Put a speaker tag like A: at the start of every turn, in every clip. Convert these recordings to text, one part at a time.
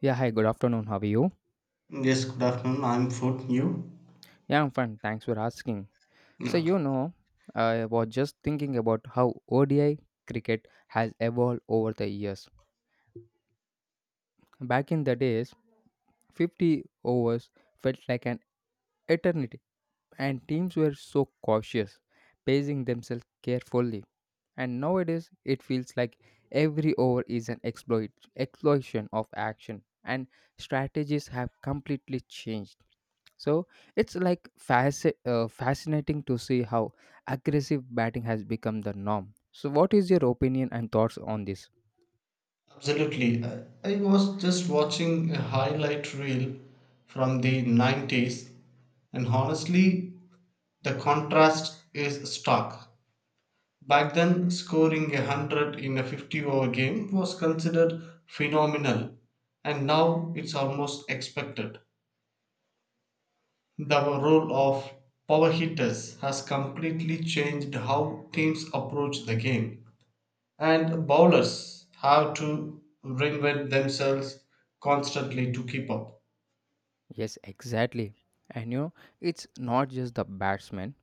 A: Yeah, hi, good afternoon. How are you?
B: Yes, good afternoon. I'm Food New.
A: Yeah, I'm fine. Thanks for asking. So,
B: Okay.
A: you know, I was just thinking about how ODI cricket has evolved over the years. Back in the days, 50 overs felt like an eternity, and teams were so cautious, pacing themselves carefully. And nowadays, it feels like every over is an exploit, exploitation of action, and strategies have completely changed. So it's like fascinating to see how aggressive batting has become the norm. So, what is your opinion and thoughts on this?
B: Absolutely. I was just watching a highlight reel from the 90s, and honestly, the contrast is stark. Back then, scoring a 100 in a 50 over game was considered phenomenal, and now it's almost expected. The role of power hitters has completely changed how teams approach the game. And bowlers have to reinvent themselves constantly to keep up.
A: Yes, exactly. And you know, it's not just the batsmen,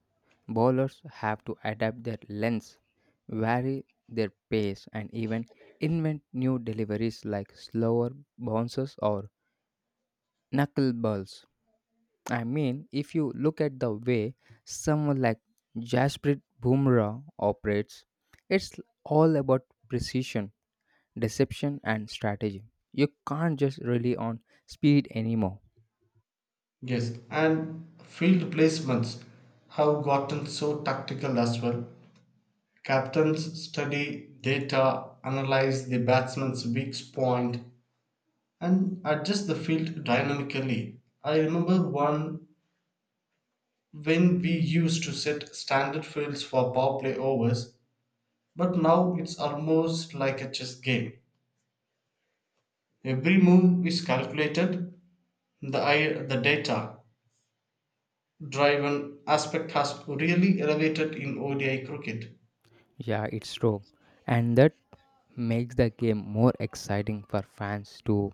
A: bowlers have to adapt their lengths, vary their pace, and even invent new deliveries like slower bounces or knuckle balls. I mean, if you look at the way someone like Jasprit Bumrah operates, it's all about precision, deception, and strategy. You can't just rely on speed anymore.
B: Yes, and field placements have gotten so tactical as well. Captains study data, analyze the batsman's weak point, and adjust the field dynamically. I remember one when we used to set standard fields for power play overs, but now it's almost like a chess game. Every move is calculated. The data driven aspect has really elevated in ODI cricket.
A: Yeah, it's true. And that makes the game more exciting for fans too.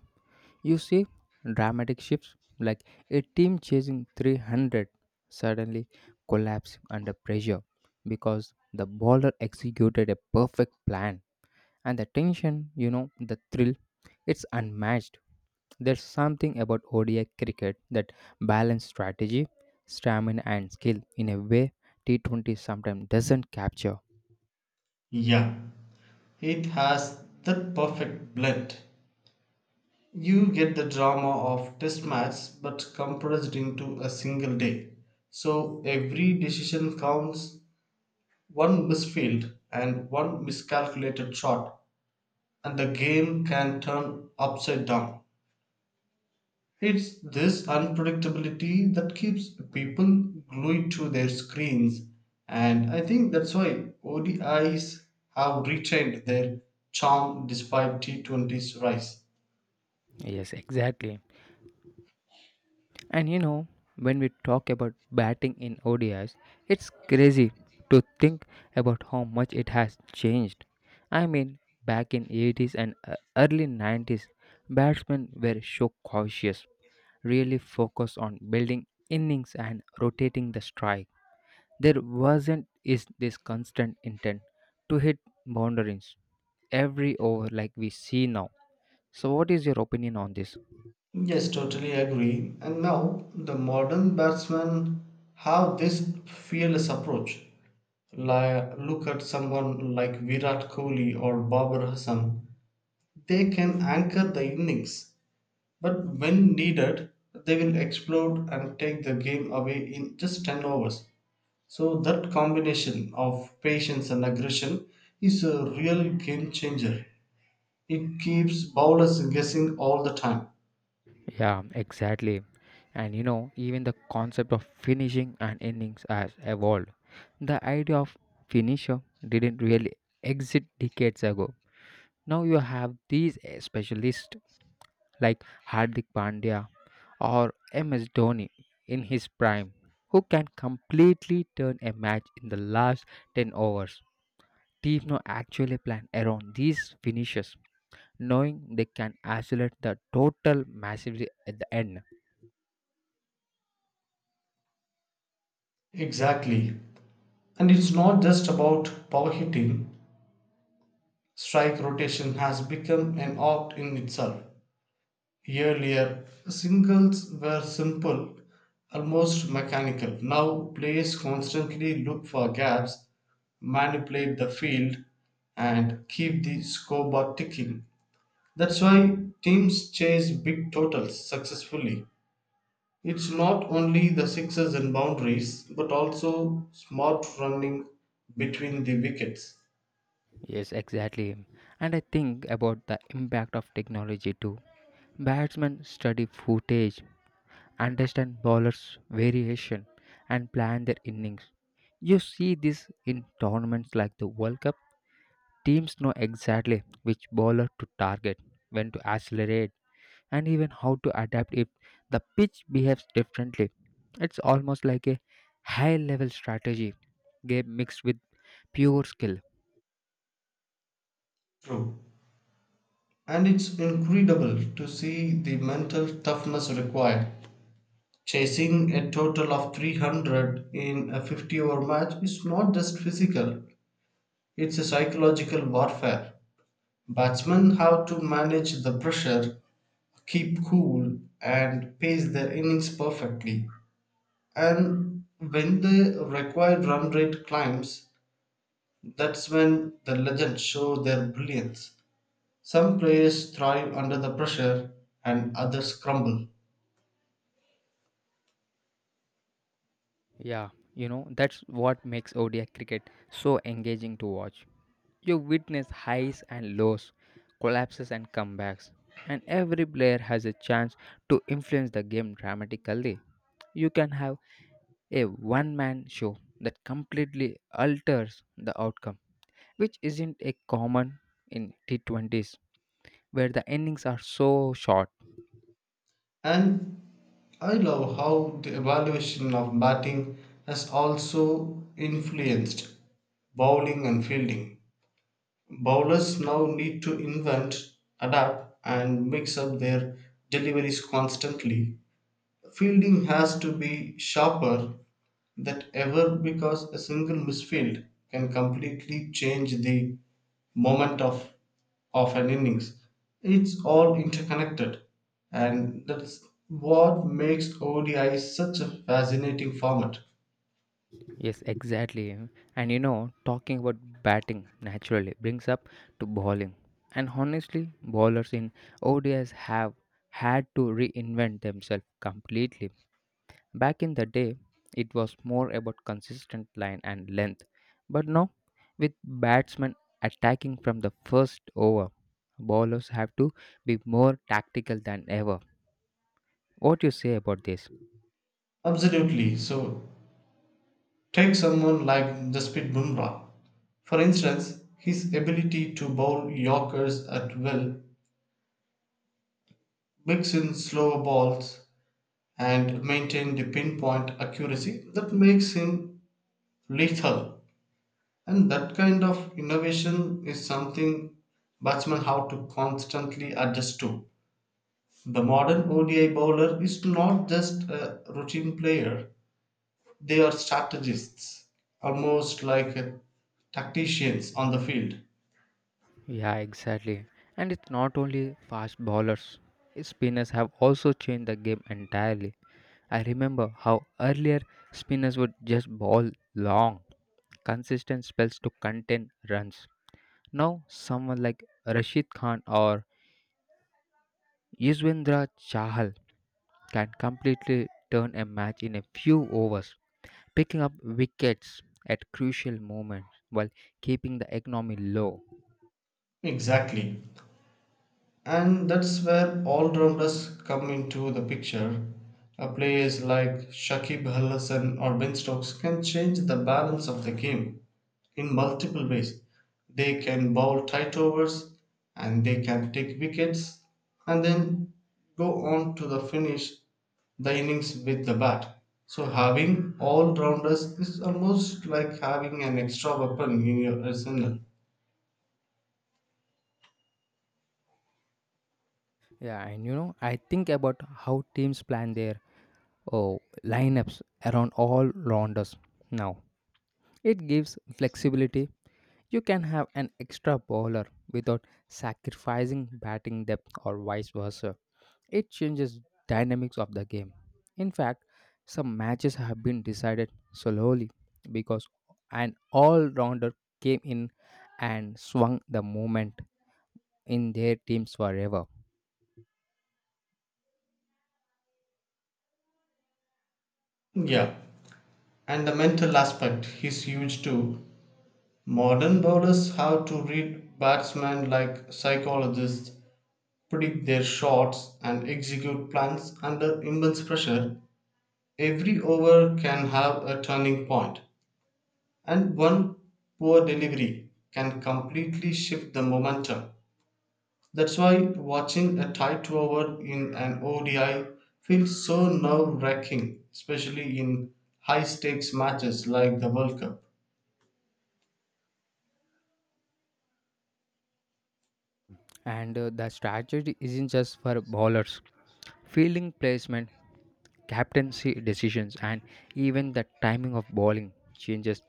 A: You see dramatic shifts like a team chasing 300 suddenly collapse under pressure because the bowler executed a perfect plan. And the tension, you know, the thrill, it's unmatched. There's something about ODI cricket that balances strategy, stamina, and skill in a way T20 sometimes doesn't capture.
B: Yeah, it has that perfect blend. You get the drama of test match but compressed into a single day. So every decision counts, one misfield and one miscalculated shot, and the game can turn upside down. It's this unpredictability that keeps people glued to their screens, and I think that's why ODIs have retained their charm despite T20's rise.
A: Yes, exactly. And you know, when we talk about batting in ODIs, it's crazy to think about how much it has changed. I mean, back in '80s and early '90s, batsmen were so cautious, really focused on building innings and rotating the strike. There wasn't is this constant intent to hit boundaries every over like we see now. So what is your opinion on this?
B: Yes, totally agree. And now the modern batsmen have this fearless approach. Like, look at someone like Virat Kohli or Babar Hassan. They can anchor the innings, but when needed, they will explode and take the game away in just 10 overs. So, that combination of patience and aggression is a real game changer. It keeps bowlers guessing all the time.
A: Yeah, exactly. And you know, even the concept of finishing an innings has evolved. The idea of finisher didn't really exist decades ago. Now you have these specialists like Hardik Pandya or MS Dhoni in his prime, who can completely turn a match in the last 10 overs. Teams now actually plan around these finishes, knowing they can isolate the total massively at the end.
B: Exactly. And it's not just about power hitting, strike rotation has become an art in itself. Earlier, singles were simple, almost mechanical. Now, players constantly look for gaps, manipulate the field, and keep the scoreboard ticking. That's why teams chase big totals successfully. It's not only the sixes and boundaries, but also smart running between the wickets.
A: Yes, exactly. And I think about the impact of technology too. Batsmen study footage, understand bowlers' variation, and plan their innings. You see this in tournaments like the World Cup. Teams know exactly which bowler to target, when to accelerate, and even how to adapt if the pitch behaves differently. It's almost like a high level strategy game mixed with pure skill.
B: True. And it's incredible to see the mental toughness required. Chasing a total of 300 in a 50 over match is not just physical, it's a psychological warfare. Batsmen have to manage the pressure, keep cool, and pace their innings perfectly. And when the required run rate climbs, that's when the legends show their brilliance. Some players thrive under the pressure, and others crumble.
A: Yeah, you know, that's what makes ODI cricket so engaging to watch. You witness highs and lows, collapses and comebacks, and every player has a chance to influence the game dramatically. You can have a one man show that completely alters the outcome, which isn't a common in T20s where the innings are so short.
B: And I love how the evaluation of batting has also influenced bowling and fielding. Bowlers now need to invent, adapt, and mix up their deliveries constantly. Fielding has to be sharper than ever because a single misfield can completely change the moment of an innings. It's all interconnected, and that's what makes ODI such a fascinating format.
A: Yes, exactly. And you know, talking about batting naturally brings up to bowling. And honestly, bowlers in ODIs have had to reinvent themselves completely. Back in the day, it was more about consistent line and length. But now, with batsmen attacking from the first over, bowlers have to be more tactical than ever. What do you say about this?
B: Absolutely. So, take someone like Jasprit Bumrah. For instance, his ability to bowl Yorkers at will, mix in slower balls, and maintain the pinpoint accuracy that makes him lethal. And that kind of innovation is something batsmen have to constantly adjust to. The modern ODI bowler is not just a routine player, they are strategists, almost like tacticians on the field.
A: Yeah, exactly. And it's not only fast bowlers. Spinners have also changed the game entirely. I remember how earlier spinners would just bowl long, consistent spells to contain runs. Now, someone like Rashid Khan or Yuzvendra Chahal can completely turn a match in a few overs, picking up wickets at crucial moments while keeping the economy low.
B: Exactly. And that's where all-rounders come into the picture. Players like Shakib Al Hassan or Ben Stokes can change the balance of the game in multiple ways. They can bowl tight overs and they can take wickets and then go on to the finish the innings with the bat. So having all-rounders is almost like having an extra weapon in your arsenal.
A: Yeah, and you know, I think about how teams plan their oh, lineups around all rounders. Now, it gives flexibility. You can have an extra bowler without sacrificing batting depth or vice versa. It changes dynamics of the game. In fact, some matches have been decided slowly because an all-rounder came in and swung the moment in their teams forever.
B: Yeah, and the mental aspect is huge too. Modern bowlers have to read batsmen like psychologists, predict their shots, and execute plans under immense pressure. Every over can have a turning point, and one poor delivery can completely shift the momentum. That's why watching a tight over in an ODI feels so nerve wracking, especially in high stakes matches like the World Cup.
A: And the strategy isn't just for bowlers. Fielding placement, captaincy decisions, and even the timing of bowling changes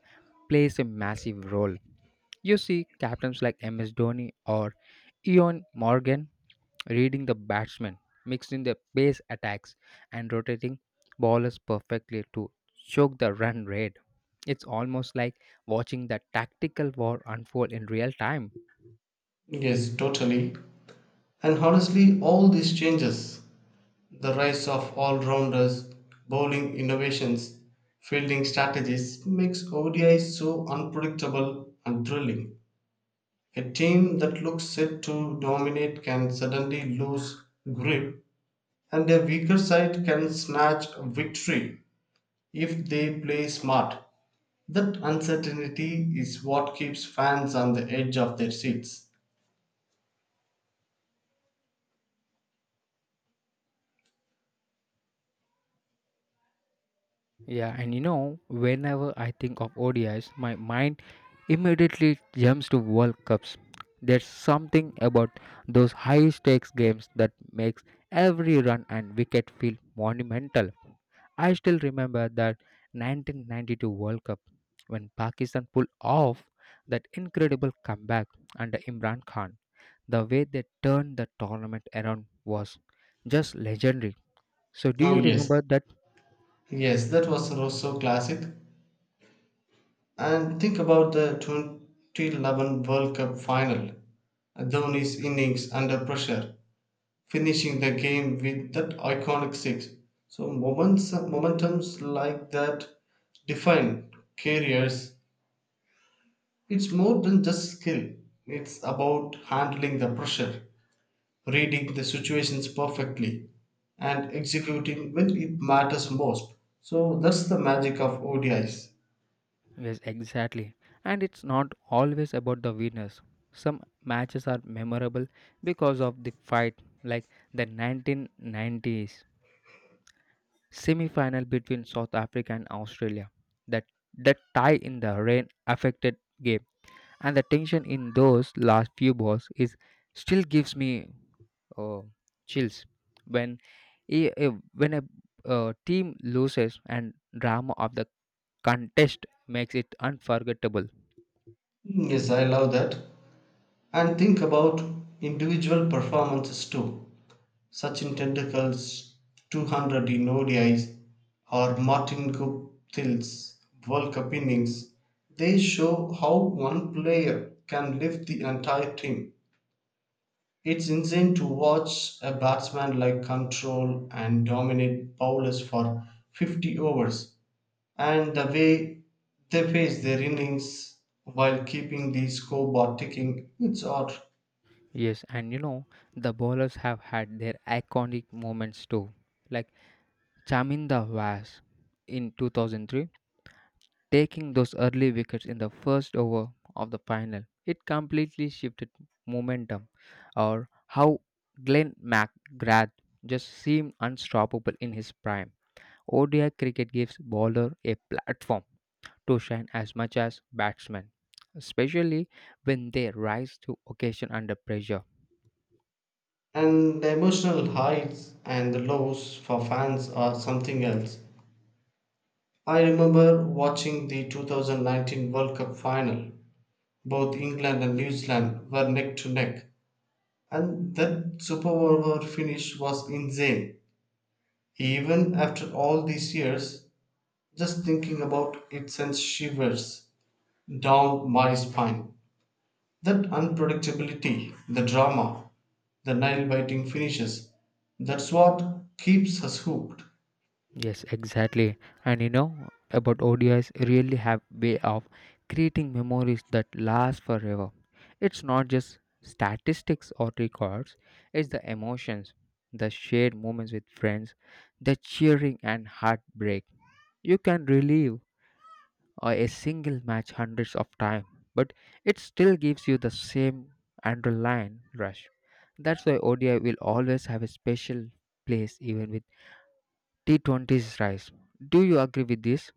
A: plays a massive role. You see captains like MS Dhoni or Eon Morgan reading the batsman, mixing the pace attacks, and rotating bowlers perfectly to choke the run rate. It's almost like watching the tactical war unfold in real time.
B: Yes, totally. And honestly, all these changes, the rise of all rounders, bowling innovations, fielding strategies makes ODI so unpredictable and thrilling. A team that looks set to dominate can suddenly lose grip, and a weaker side can snatch a victory if they play smart. That uncertainty is what keeps fans on the edge of their seats.
A: Yeah, and you know, whenever I think of ODIs, my mind immediately jumps to World Cups. There's something about those high stakes games that makes every run and wicket feel monumental. I still remember that 1992 World Cup when Pakistan pulled off that incredible comeback under Imran Khan. The way they turned the tournament around was just legendary. So, do
B: Oh,
A: you
B: yes.
A: remember that?
B: Yes, that was also classic. And think about the 2011 World Cup final. Dhoni's innings under pressure, finishing the game with that iconic six. So momentums like that define careers. It's more than just skill. It's about handling the pressure, reading the situations perfectly, and executing when it matters most. So that's the magic of ODIs.
A: Yes, exactly. And it's not always about the winners. Some matches are memorable because of the fight, like the 1990s semi final between South Africa and Australia. That, that tie in the rain affected game, and the tension in those last few balls is still gives me uh, chills when a, when a team loses and drama of the contest makes it unforgettable.
B: Mm, yes, I love that. And think about individual performances too. Sachin Tendulkar's 200 in ODIs or Martin Guptil's World Cup innings. They show how one player can lift the entire team. It's insane to watch a batsman like control and dominate bowlers for 50 overs and the way they face their innings while keeping the scoreboard ticking. It's odd.
A: Yes, and you know, the bowlers have had their iconic moments too, like Chaminda Vas in 2003, taking those early wickets in the first over of the final. It completely shifted momentum, or how Glenn McGrath just seemed unstoppable in his prime. ODI cricket gives bowler a platform to shine as much as batsmen, especially when they rise to occasion under pressure.
B: And the emotional highs and the lows for fans are something else. I remember watching the 2019 World Cup final. Both England and New Zealand were neck to neck, and that super over finish was insane. Even after all these years, just thinking about it sends shivers down my spine. That unpredictability, the drama, the nail biting finishes, that's what keeps us hooked.
A: Yes, exactly. And you know about ODIs really have way of creating memories that last forever. It's not just statistics or records, it's the emotions, the shared moments with friends, the cheering and heartbreak. You can relive a single match hundreds of times, but it still gives you the same underlying rush. That's why ODI will always have a special place even with T20s rise. Do you agree with this?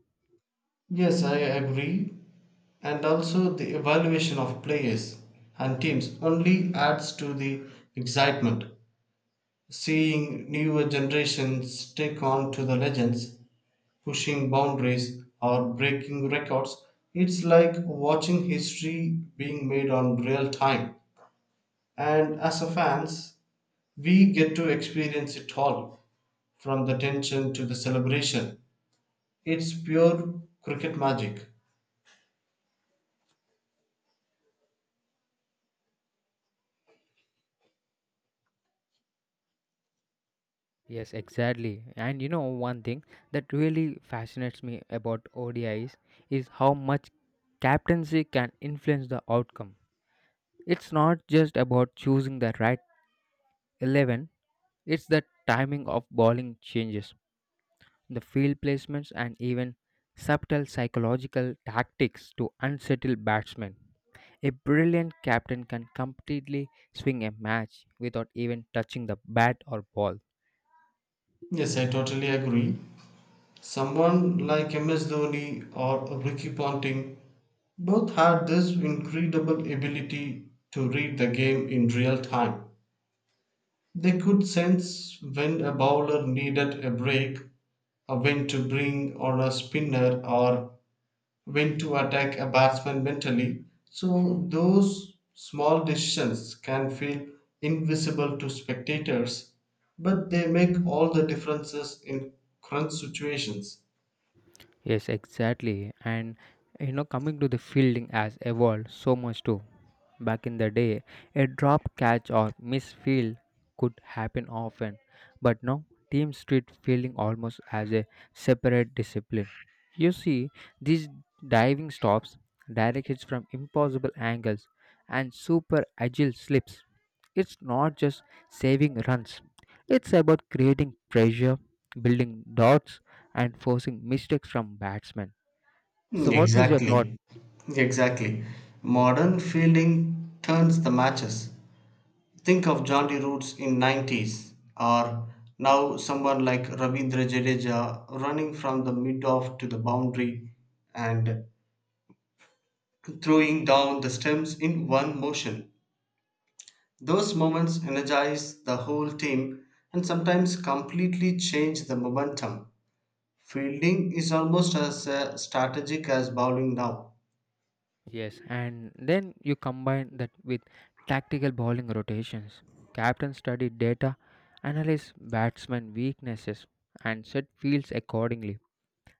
B: Yes, I agree. And also, the evaluation of players and teams only adds to the excitement. Seeing newer generations take on to the legends, pushing boundaries or breaking records, it's like watching history being made on real time. And as a fans, we get to experience it all from the tension to the celebration. It's pure cricket magic.
A: Yes, exactly. And you know one thing that really fascinates me about O D is how much captaincy can influence the outcome. It's not just about choosing the right 11, it's the timing of bowling changes, the field placements and even subtle psychological tactics to unsettle batsmen. A brilliant captain can completely swing a match without even touching the bat or ball.
B: Yes, I totally agree. Someone like MS Dhoni or Ricky Ponting both had this incredible ability to read the game in real time. They could sense when a bowler needed a break, or when to bring on a spinner, or when to attack a batsman mentally. So, those small decisions can feel invisible to spectators, but they make all the differences in crunch situations.
A: Yes, exactly. And you know, coming to the fielding has evolved so much too. Back in the day, a drop catch or miss field could happen often, but now teams treat fielding almost as a separate discipline. You see, these diving stops, direct hits from impossible angles, and super agile slips. It's not just saving runs, it's about creating pressure, building dots, and forcing mistakes from batsmen. So,
B: Mm,
A: what is your thought?
B: exactly. Exactly. Modern fielding turns the matches. Think of Johnny Roots in 90s or now someone like Ravindra Jadeja running from the mid-off to the boundary and throwing down the stems in one motion. Those moments energize the whole team and sometimes completely change the momentum. Fielding is almost as strategic as bowling now.
A: Yes, and then you combine that with tactical bowling rotations. Captain study data, analyze batsman weaknesses, and set fields accordingly.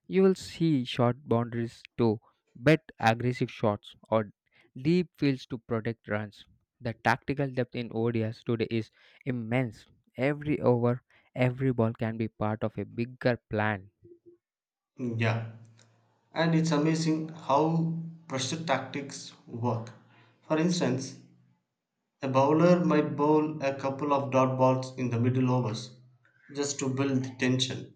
A: You will see short boundaries to bet aggressive shots or deep fields to protect runs. The tactical depth in ODIs today is immense. Every over, every ball can be part of a bigger plan.
B: Hmm, yeah. And it's amazing how pressure tactics work. For instance, a bowler might bowl a couple of dot balls in the middle overs just to build tension.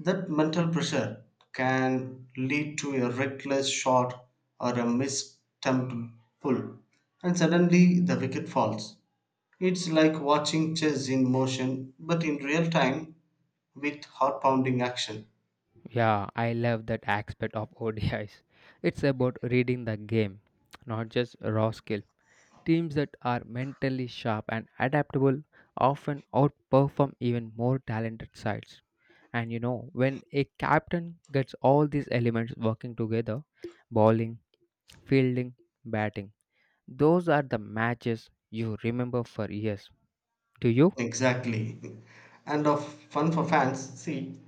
B: That mental pressure can lead to a reckless shot or a mistumped pull, and suddenly the wicket falls. It's like watching chess in motion, but in real time with heart pounding action.
A: Yeah, I love that aspect of ODIs. It's about reading the game, not just raw skill. Teams that are mentally sharp and adaptable often outperform even more talented sides. And you know, when a captain gets all these elements working together bowling, fielding, batting, those are the matches you remember for years. Do you?
B: Exactly. And of fun for fans, see,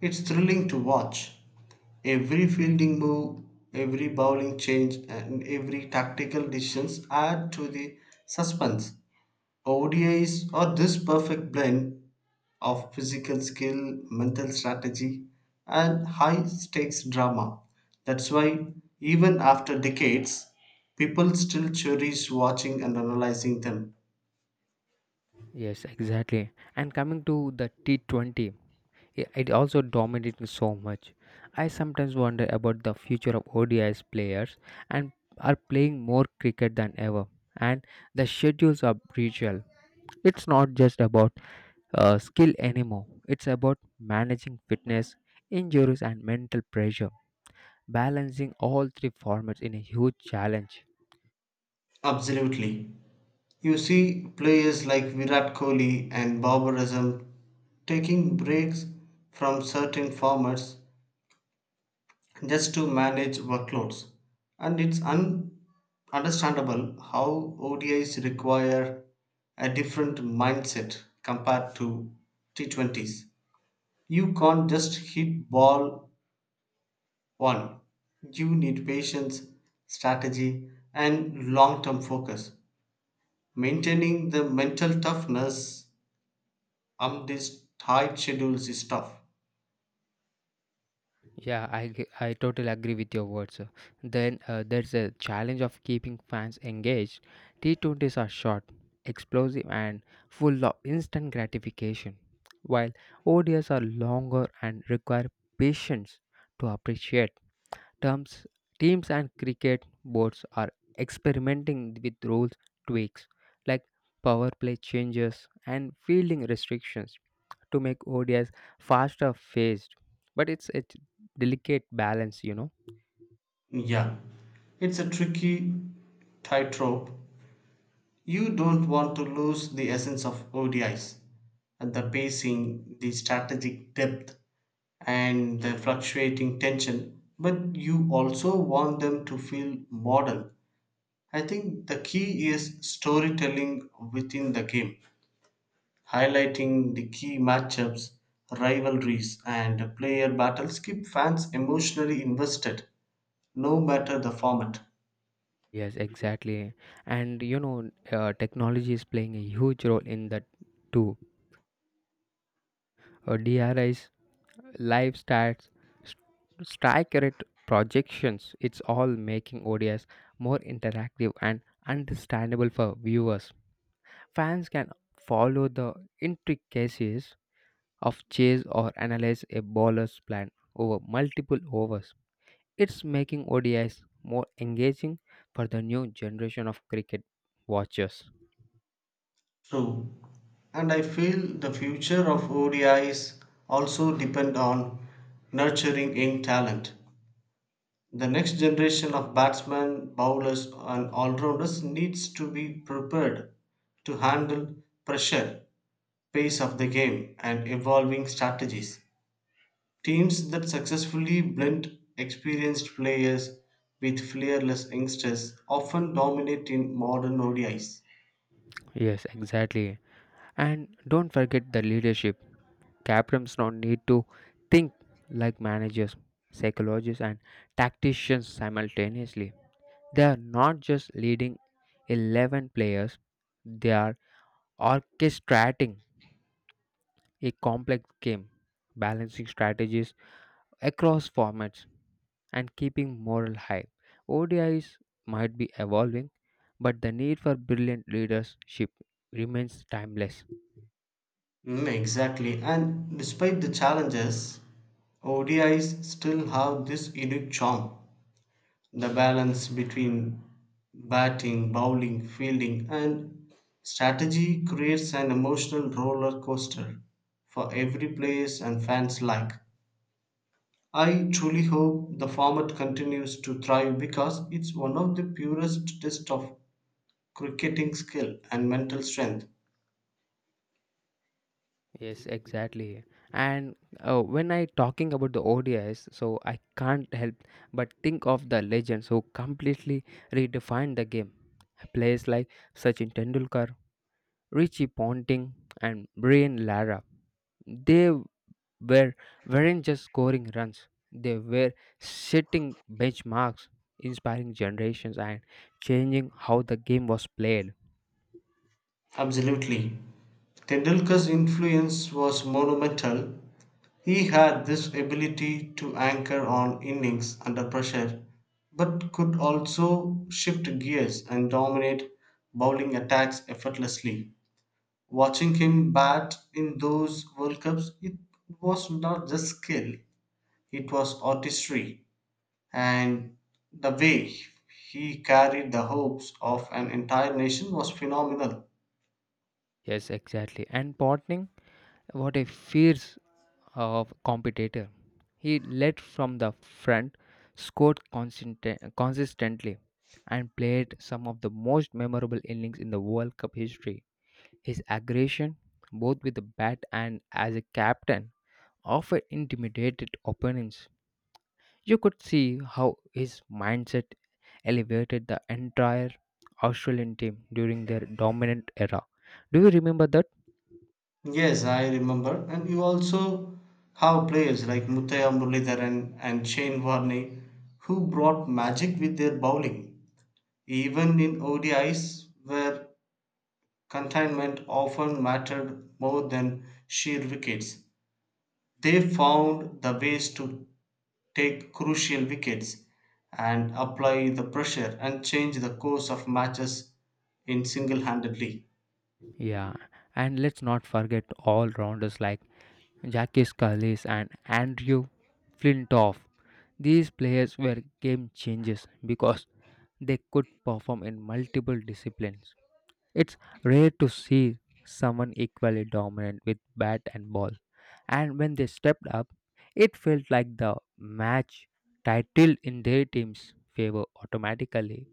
B: it's thrilling to watch. Every fielding move, every bowling change, and every tactical decisions add to the suspense. ODIs are this perfect blend of physical skill, mental strategy, and high stakes drama. That's why, even after decades, people still cherish watching and analyzing them.
A: Yes, exactly. And coming to the T20, it also dominating so much. I sometimes wonder about the future of ODIs players and are playing more cricket than ever. And the schedules are brutal. It's not just about skill anymore. It's about managing fitness, injuries, and mental pressure. Balancing all three formats in a huge challenge.
B: Absolutely. You see players like Virat Kohli and Babar Azam taking breaks from certain formats just to manage workloads. And it's understandable how ODIs require a different mindset compared to T20s. You can't just hit ball one. You need patience, strategy, and long term focus. Maintaining the mental toughness this tight schedules is tough.
A: Yeah, I totally agree with your words. Then there's a challenge of keeping fans engaged. T20s are short, explosive, and full of instant gratification, while ODIs are longer and require patience to appreciate. Terms, teams and cricket boards are experimenting with rules tweaks like power play changes and fielding restrictions to make ODIs faster phased. But it's a delicate balance, you know.
B: Yeah, it's a tricky tightrope. You don't want to lose the essence of ODIs, and the pacing, the strategic depth, and the fluctuating tension, but you also want them to feel modern. I think the key is storytelling within the game, highlighting the key matchups, rivalries and player battles keep fans emotionally invested no matter the format.
A: Yes, exactly. And you know, technology is playing a huge role in that too. DRIs live stats, st- strike rate projections. It's all making ODIs more interactive and understandable for viewers. Fans can follow the intricacies of chase or analyze a bowler's plan over multiple overs. It's making ODIs more engaging for the new generation of cricket watchers.
B: True. And I feel the future of ODIs also depend on nurturing young talent. The next generation of batsmen, bowlers, and all-rounders needs to be prepared to handle pressure, pace of the game, and evolving strategies. Teams that successfully blend experienced players with fearless youngsters often dominate in modern ODIs.
A: Yes, exactly. And don't forget the leadership. Captains now need to think like managers, psychologists, and tacticians simultaneously. They are not just leading 11 players, they are orchestrating a complex game, balancing strategies across formats, and keeping morale high. ODIs might be evolving, but the need for brilliant leadership remains timeless.
B: Mm, exactly. And despite the challenges, ODIs still have this unique charm. The balance between batting, bowling, fielding, and strategy creates an emotional roller coaster for every players and fans alike. I truly hope the format continues to thrive because it's one of the purest tests of cricketing skill and mental strength.
A: Yes, exactly. And when I talking about the ODIs, so I can't help but think of the legends who completely redefined the game. Players like Sachin Tendulkar, Richie Ponting, and Brian Lara. They were weren't just scoring runs, they were setting benchmarks, inspiring generations, and changing how the game was played.
B: Absolutely. Tendulkar's influence was monumental. He had this ability to anchor on innings under pressure but could also shift gears and dominate bowling attacks effortlessly. Watching him bat in those World Cups, it was not just skill, it was artistry, and the way he carried the hopes of an entire nation was phenomenal.
A: Yes, exactly. And partnering, what a fierce of competitor. He led from the front, scored consistent, consistently, and played some of the most memorable innings in the World Cup history. His aggression, both with the bat and as a captain, often intimidated opponents. You could see how his mindset elevated the entire Australian team during their dominant era. Do you remember that?
B: Yes, I remember. And you also have players like Muthaya Muralidharan and Shane Warne who brought magic with their bowling. Even in ODIs where containment often mattered more than sheer wickets, they found the ways to take crucial wickets and apply the pressure and change the course of matches in single-handedly.
A: Yeah, and let's not forget all rounders like Jackie Scullis and Andrew Flintoff. These players were game changers because they could perform in multiple disciplines. It's rare to see someone equally dominant with bat and ball, and when they stepped up, it felt like the match titled in their team's favor automatically.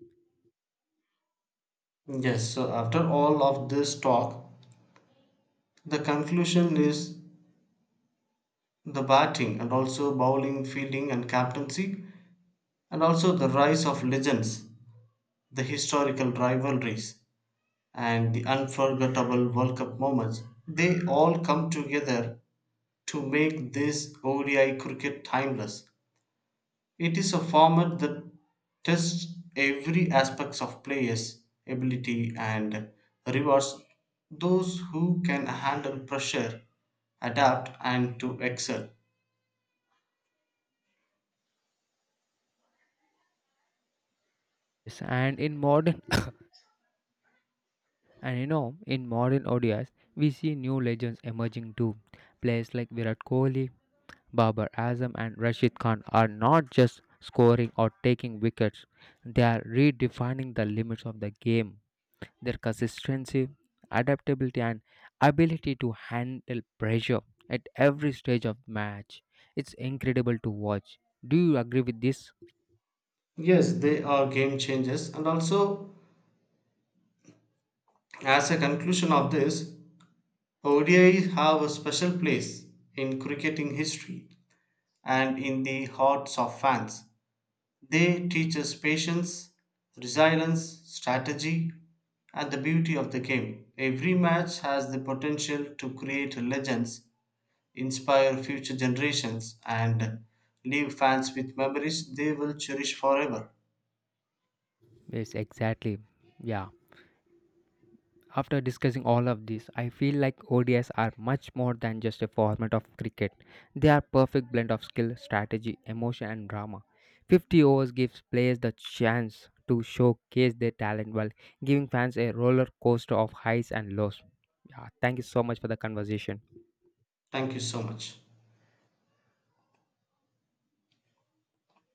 B: Yes, so after all of this talk, the conclusion is the batting and also bowling, fielding and captaincy, and also the rise of legends, the historical rivalries, and the unforgettable World Cup moments, they all come together to make this ODI cricket timeless. It is a format that tests every aspects of players' ability and rewards those who can handle pressure, adapt, and to excel.
A: Yes, And in modern And you know, in modern ODIs, we see new legends emerging too. Players like Virat Kohli, Babar Azam, and Rashid Khan are not just scoring or taking wickets, they are redefining the limits of the game. Their consistency, adaptability, and ability to handle pressure at every stage of match. It's incredible to watch. Do you agree with this?
B: Yes, they are game changers. And also, as a conclusion of this, ODIs have a special place in cricketing history and in the hearts of fans. They teach us patience, resilience, strategy, and the beauty of the game. Every match has the potential to create legends, inspire future generations, and leave fans with memories they will cherish forever.
A: Yes, exactly. Yeah. After discussing all of this, I feel like ODIs are much more than just a format of cricket. They are perfect blend of skill, strategy, emotion and drama. 50 overs gives players the chance to showcase their talent while giving fans a roller coaster of highs and lows. Yeah, thank you so much for the conversation.
B: Thank you so much.